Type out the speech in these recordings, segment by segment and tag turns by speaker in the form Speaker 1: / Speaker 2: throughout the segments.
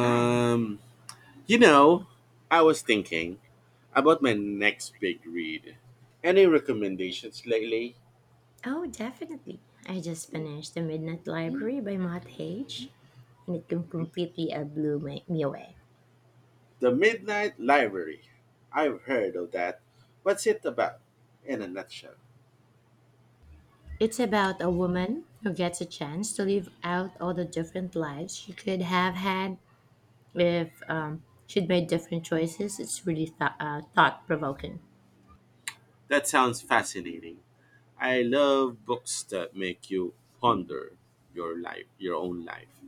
Speaker 1: Hi.
Speaker 2: you know, I was thinking about my next big read. Any recommendations lately?
Speaker 1: Oh, definitely. I just finished The Midnight Library by Matt Hage, and it com-
Speaker 2: Mhm.
Speaker 1: completely uh, blew me away.
Speaker 2: The Midnight Library. I've heard of that. What's it about in a nutshell?
Speaker 1: It's about a woman who gets a chance to live out all the different lives she could have had if she'd made different choices. It's really thought provoking.
Speaker 2: That sounds fascinating. I love books that make you ponder your life, your own life.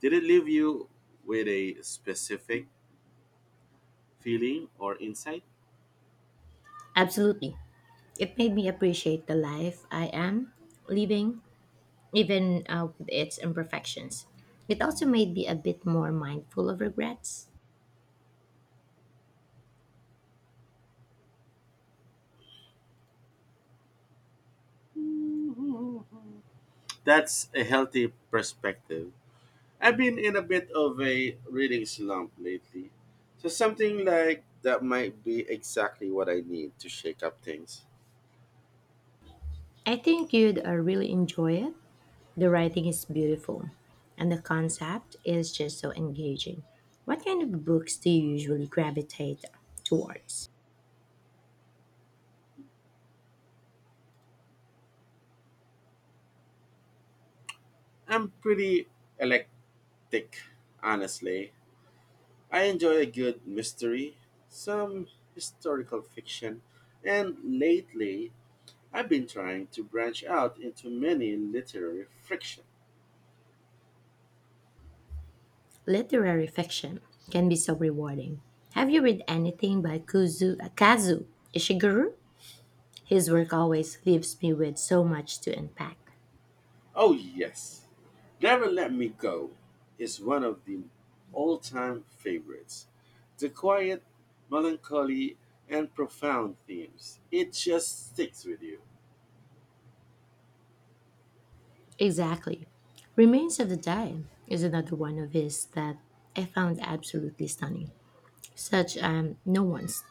Speaker 2: Did it leave you with a specific feeling or insight?
Speaker 1: Absolutely. It made me appreciate the life I am living, even with its imperfections. It also made me a bit more mindful of regrets.
Speaker 2: That's a healthy perspective. I've been in a bit of a reading slump lately, so something like that might be exactly what I need to shake up things.
Speaker 1: I think you'd really enjoy it. The writing is beautiful, and the concept is just so engaging. What kind of books do you usually gravitate towards?
Speaker 2: I'm pretty eclectic, honestly. I enjoy a good mystery, some historical fiction, and lately I've been trying to branch out into many literary fiction.
Speaker 1: Literary fiction can be so rewarding. Have you read anything by Kazu Ishiguro? His work always leaves me with so much to unpack.
Speaker 2: Oh, yes. Never Let Me Go is one of the all time favorites. The quiet, melancholy, and profound themes. It just sticks with you.
Speaker 1: Exactly. Remains of the Day is another one of his that I found absolutely stunning. Such no one's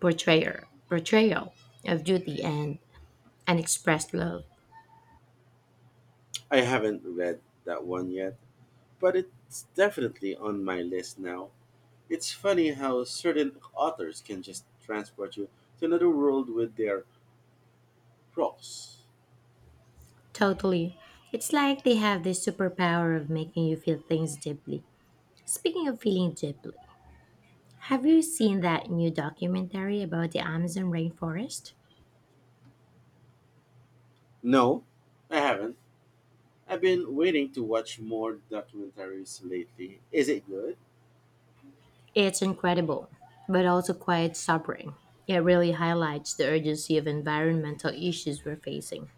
Speaker 1: portrayal of duty and unexpressed love.
Speaker 2: I haven't read that one yet, but it's definitely on my list now. It's funny how certain authors can just transport you to another world with their prose.
Speaker 1: Totally. It's like they have this superpower of making you feel things deeply. Speaking of feeling deeply, have you seen that new documentary about the Amazon rainforest?
Speaker 2: No, I haven't. I've been waiting to watch more documentaries lately. Is it good?
Speaker 1: It's incredible, but also quite sobering. It really highlights the urgency of environmental issues we're facing.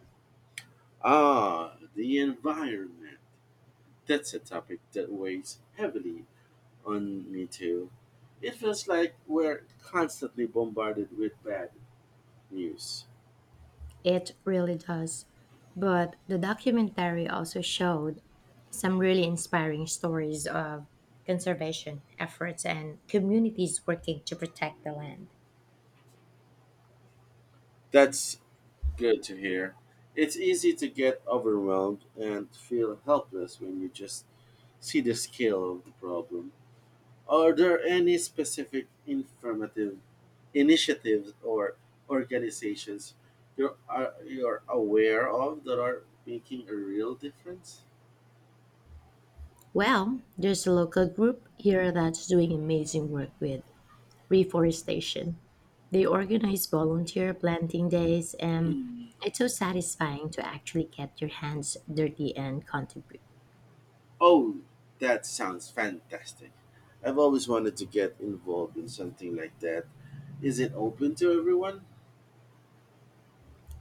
Speaker 2: Ah, the environment. That's a topic that weighs heavily on me too. It feels like we're constantly bombarded with bad news.
Speaker 1: It really does. But the documentary also showed some really inspiring stories of conservation efforts and communities working to protect the land.
Speaker 2: That's good to hear. It's easy to get overwhelmed and feel helpless when you just see the scale of the problem. Are there any specific informative initiatives or organizations you're aware of that are making a real difference?
Speaker 1: Well, there's a local group here that's doing amazing work with reforestation. They organize volunteer planting days, and it's so satisfying to actually get your hands dirty and contribute.
Speaker 2: Oh, that sounds fantastic. I've always wanted to get involved in something like that. Is it open to everyone?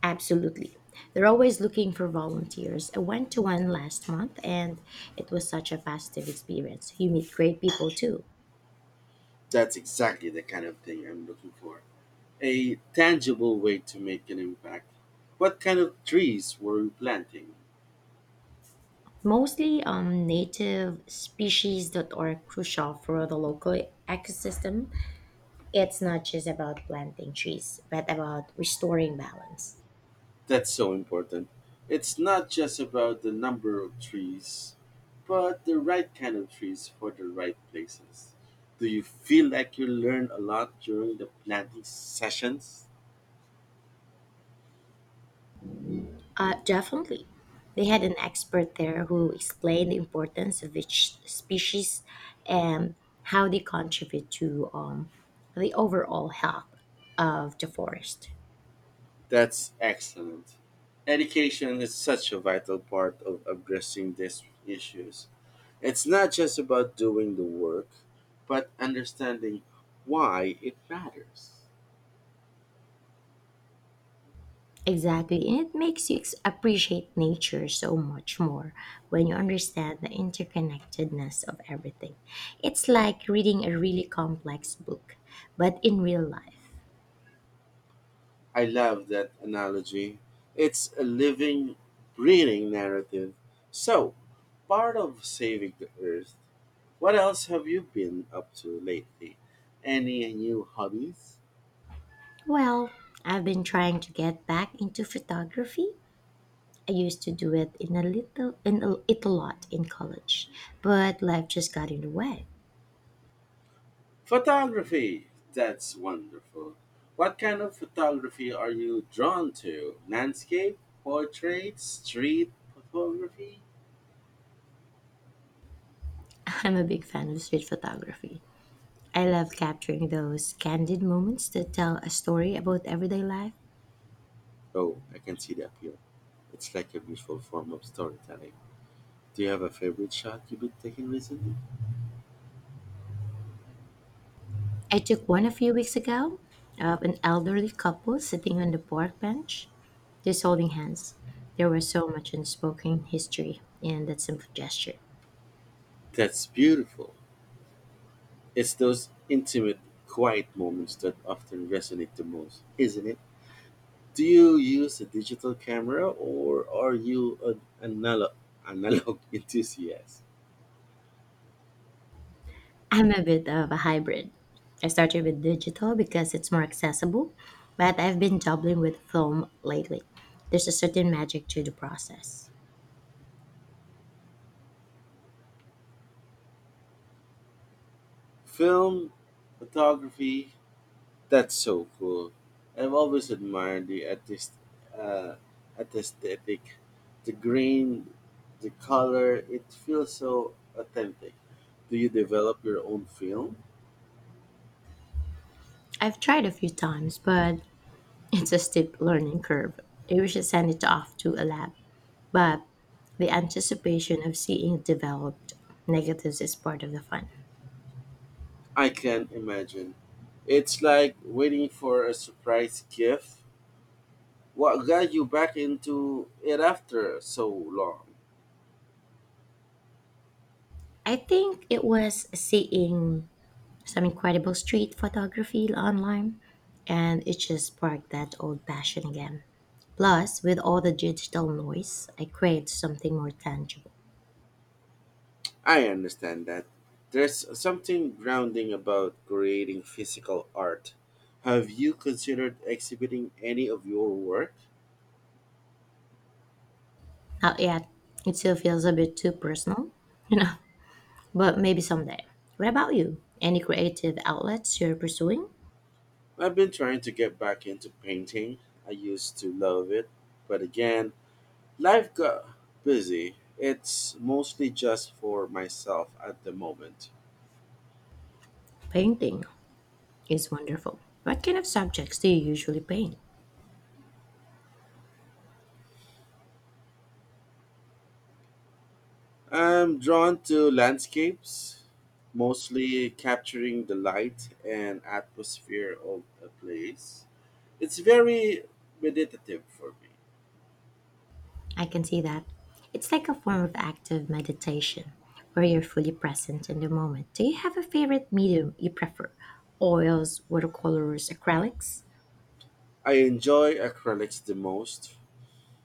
Speaker 1: Absolutely. They're always looking for volunteers. I went to one last month and it was such a positive experience. You meet great people too.
Speaker 2: That's exactly the kind of thing I'm looking for. A tangible way to make an impact. What kind of trees were you planting?
Speaker 1: Mostly native species that are crucial for the local ecosystem. It's not just about planting trees, but about restoring balance.
Speaker 2: That's so important. It's not just about the number of trees, but the right kind of trees for the right places. Do you feel like you learn a lot during the planting sessions?
Speaker 1: Definitely. They had an expert there who explained the importance of each species and how they contribute to the overall health of the forest.
Speaker 2: That's excellent. Education is such a vital part of addressing these issues. It's not just about doing the work, but understanding why it matters.
Speaker 1: Exactly. And it makes you appreciate nature so much more when you understand the interconnectedness of everything. It's like reading a really complex book, but in real life.
Speaker 2: I love that analogy. It's a living, breathing narrative. So, part of saving the earth, what else have you been up to lately? Any new hobbies?
Speaker 1: Well, I've been trying to get back into photography. I used to do it in a little in a, it a lot in college, but life just got in the way.
Speaker 2: Photography! That's wonderful. What kind of photography are you drawn to? Landscape, portrait, street photography?
Speaker 1: I'm a big fan of street photography. I love capturing those candid moments that tell a story about everyday life.
Speaker 2: Oh, I can see the appeal. It's like a visual form of storytelling. Do you have a favorite shot you've been taking recently?
Speaker 1: I took one a few weeks ago of an elderly couple sitting on the park bench, just holding hands. There was so much unspoken history in that simple gesture.
Speaker 2: That's beautiful. It's those intimate, quiet moments that often resonate the most, isn't it? Do you use a digital camera or are you an analog enthusiast?
Speaker 1: I'm a bit of a hybrid. I started with digital because it's more accessible, but I've been dabbling with film lately. There's a certain magic to the process.
Speaker 2: Film photography, that's so cool. I've always admired the artist, uh, aesthetic, the grain, the color. It feels so authentic. Do you develop your own film?
Speaker 1: I've tried a few times, but it's a steep learning curve. I should send it off to a lab, but the anticipation of seeing it developed negatives is part of the fun.
Speaker 2: I can imagine. It's like waiting for a surprise gift. What got you back into it after so long?
Speaker 1: I think it was seeing some incredible street photography online and it just sparked that old passion again. Plus, with all the digital noise, I crave something more tangible.
Speaker 2: I understand that. There's something grounding about creating physical art. Have you considered exhibiting any of your work?
Speaker 1: Not yet. It still feels a bit too personal, you know, but maybe someday. What about you? Any creative outlets you're pursuing?
Speaker 2: I've been trying to get back into painting. I used to love it, but again, life got busy. It's mostly just for myself at the moment.
Speaker 1: Painting is wonderful. What kind of subjects do you usually paint?
Speaker 2: I'm drawn to landscapes, mostly capturing the light and atmosphere of a place. It's very meditative for me.
Speaker 1: I can see that. It's like a form of active meditation where you're fully present in the moment. Do you have a favorite medium you prefer? Oils, watercolors, acrylics?
Speaker 2: I enjoy acrylics the most.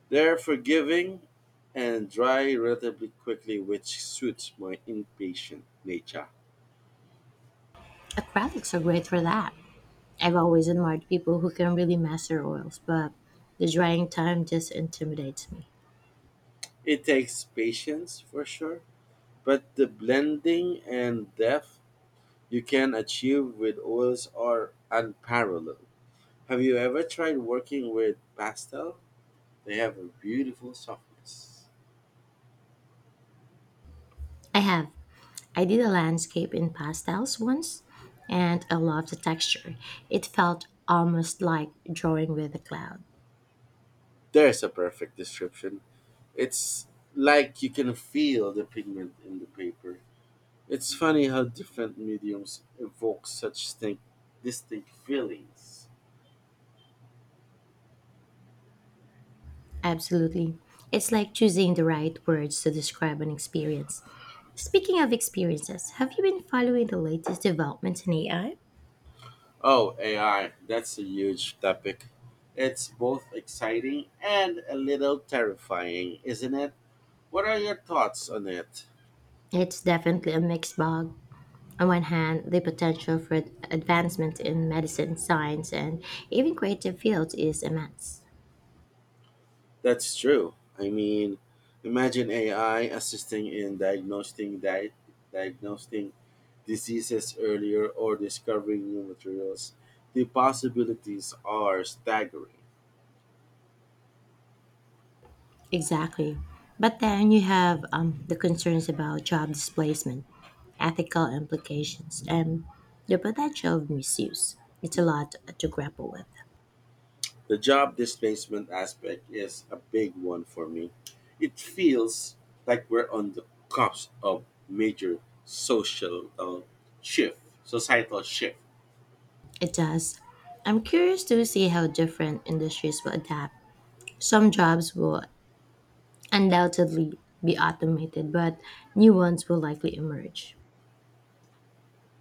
Speaker 2: They're forgiving and dry relatively quickly, which suits my impatient nature.
Speaker 1: Acrylics are great for that. I've always admired people who can really master oils, but the drying time just intimidates me.
Speaker 2: It takes patience for sure, but the blending and depth you can achieve with oils are unparalleled. Have you ever tried working with pastel? They have a beautiful softness.
Speaker 1: I have. I did a landscape in pastels once, and I loved the texture. It felt almost like drawing with a cloud.
Speaker 2: There's a perfect description. It's like you can feel the pigment in the paper. It's funny how different mediums evoke such distinct feelings.
Speaker 1: Absolutely. It's like choosing the right words to describe an experience. Speaking of experiences, have you been following the latest developments in AI?
Speaker 2: Oh, AI, that's a huge topic. It's both exciting and a little terrifying, isn't it? What are your thoughts on it?
Speaker 1: It's definitely a mixed bag. On one hand, the potential for advancement in medicine, science, and even creative fields is immense.
Speaker 2: That's true. I mean, imagine AI assisting in diagnosing diseases earlier or discovering new materials, the possibilities are staggering.
Speaker 1: Exactly. But then you have the concerns about job displacement, ethical implications, and the potential of misuse. It's a lot to grapple with.
Speaker 2: The job displacement aspect is a big one for me. It feels like we're on the cusp of major social uh, societal shift.
Speaker 1: It does. I'm curious to see how different industries will adapt. Some jobs will undoubtedly be automated, but new ones will likely emerge.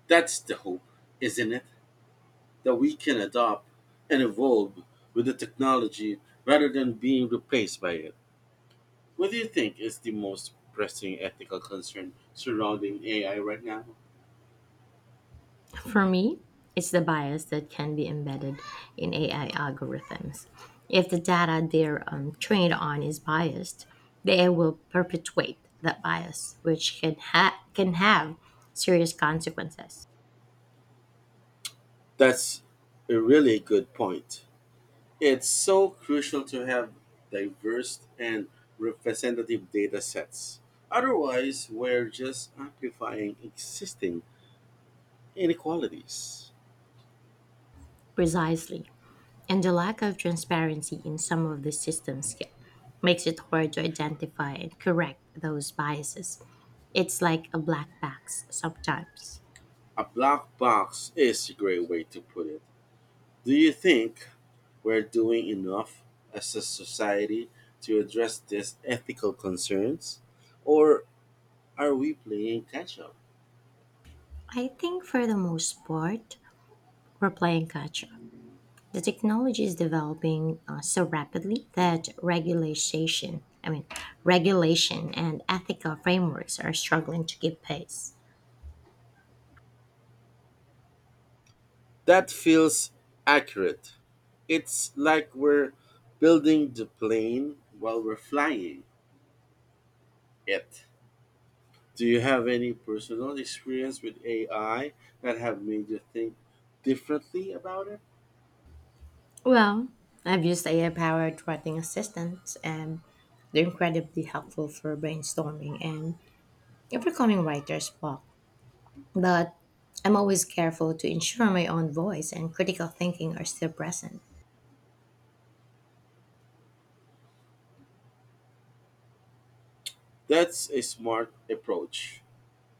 Speaker 2: That's the hope, isn't it? That we can adopt and evolve with the technology rather than being replaced by it. What do you think is the most pressing ethical concern surrounding AI right now?
Speaker 1: For me, it's the bias that can be embedded in AI algorithms. If the data they're trained on is biased, they will perpetuate that bias, which can have serious consequences.
Speaker 2: That's a really good point. It's so crucial to have diverse and representative data sets. Otherwise, we're just amplifying existing inequalities.
Speaker 1: Precisely. And the lack of transparency in some of the systems makes it hard to identify and correct those biases. It's like a black box sometimes.
Speaker 2: A black box is a great way to put it. Do you think we're doing enough as a society to address these ethical concerns? Or are we playing catch up?
Speaker 1: I think for the most part, we're playing catch up. The technology is developing so rapidly that regulation and ethical frameworks are struggling to keep pace.
Speaker 2: That feels accurate. It's like we're building the plane while we're flying it. Do you have any personal experience with AI that have made you think differently about it?
Speaker 1: Well, I've used AI powered writing assistants and they're incredibly helpful for brainstorming and overcoming writer's block, but I'm always careful to ensure my own voice and critical thinking are still present.
Speaker 2: That's a smart approach.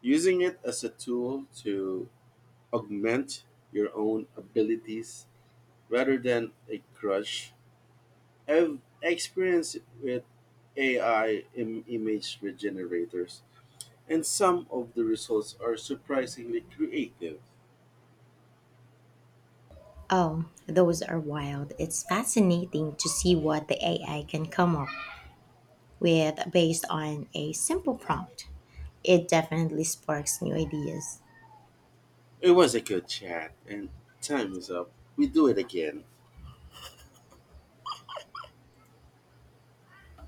Speaker 2: Using it as a tool to augment your own abilities rather than a crutch. I've experienced with AI image regenerators and some of the results are surprisingly creative.
Speaker 1: Oh, those are wild. It's fascinating to see what the AI can come up with based on a simple prompt. It definitely sparks new ideas.
Speaker 2: It was a good chat, and time is up. We do it again.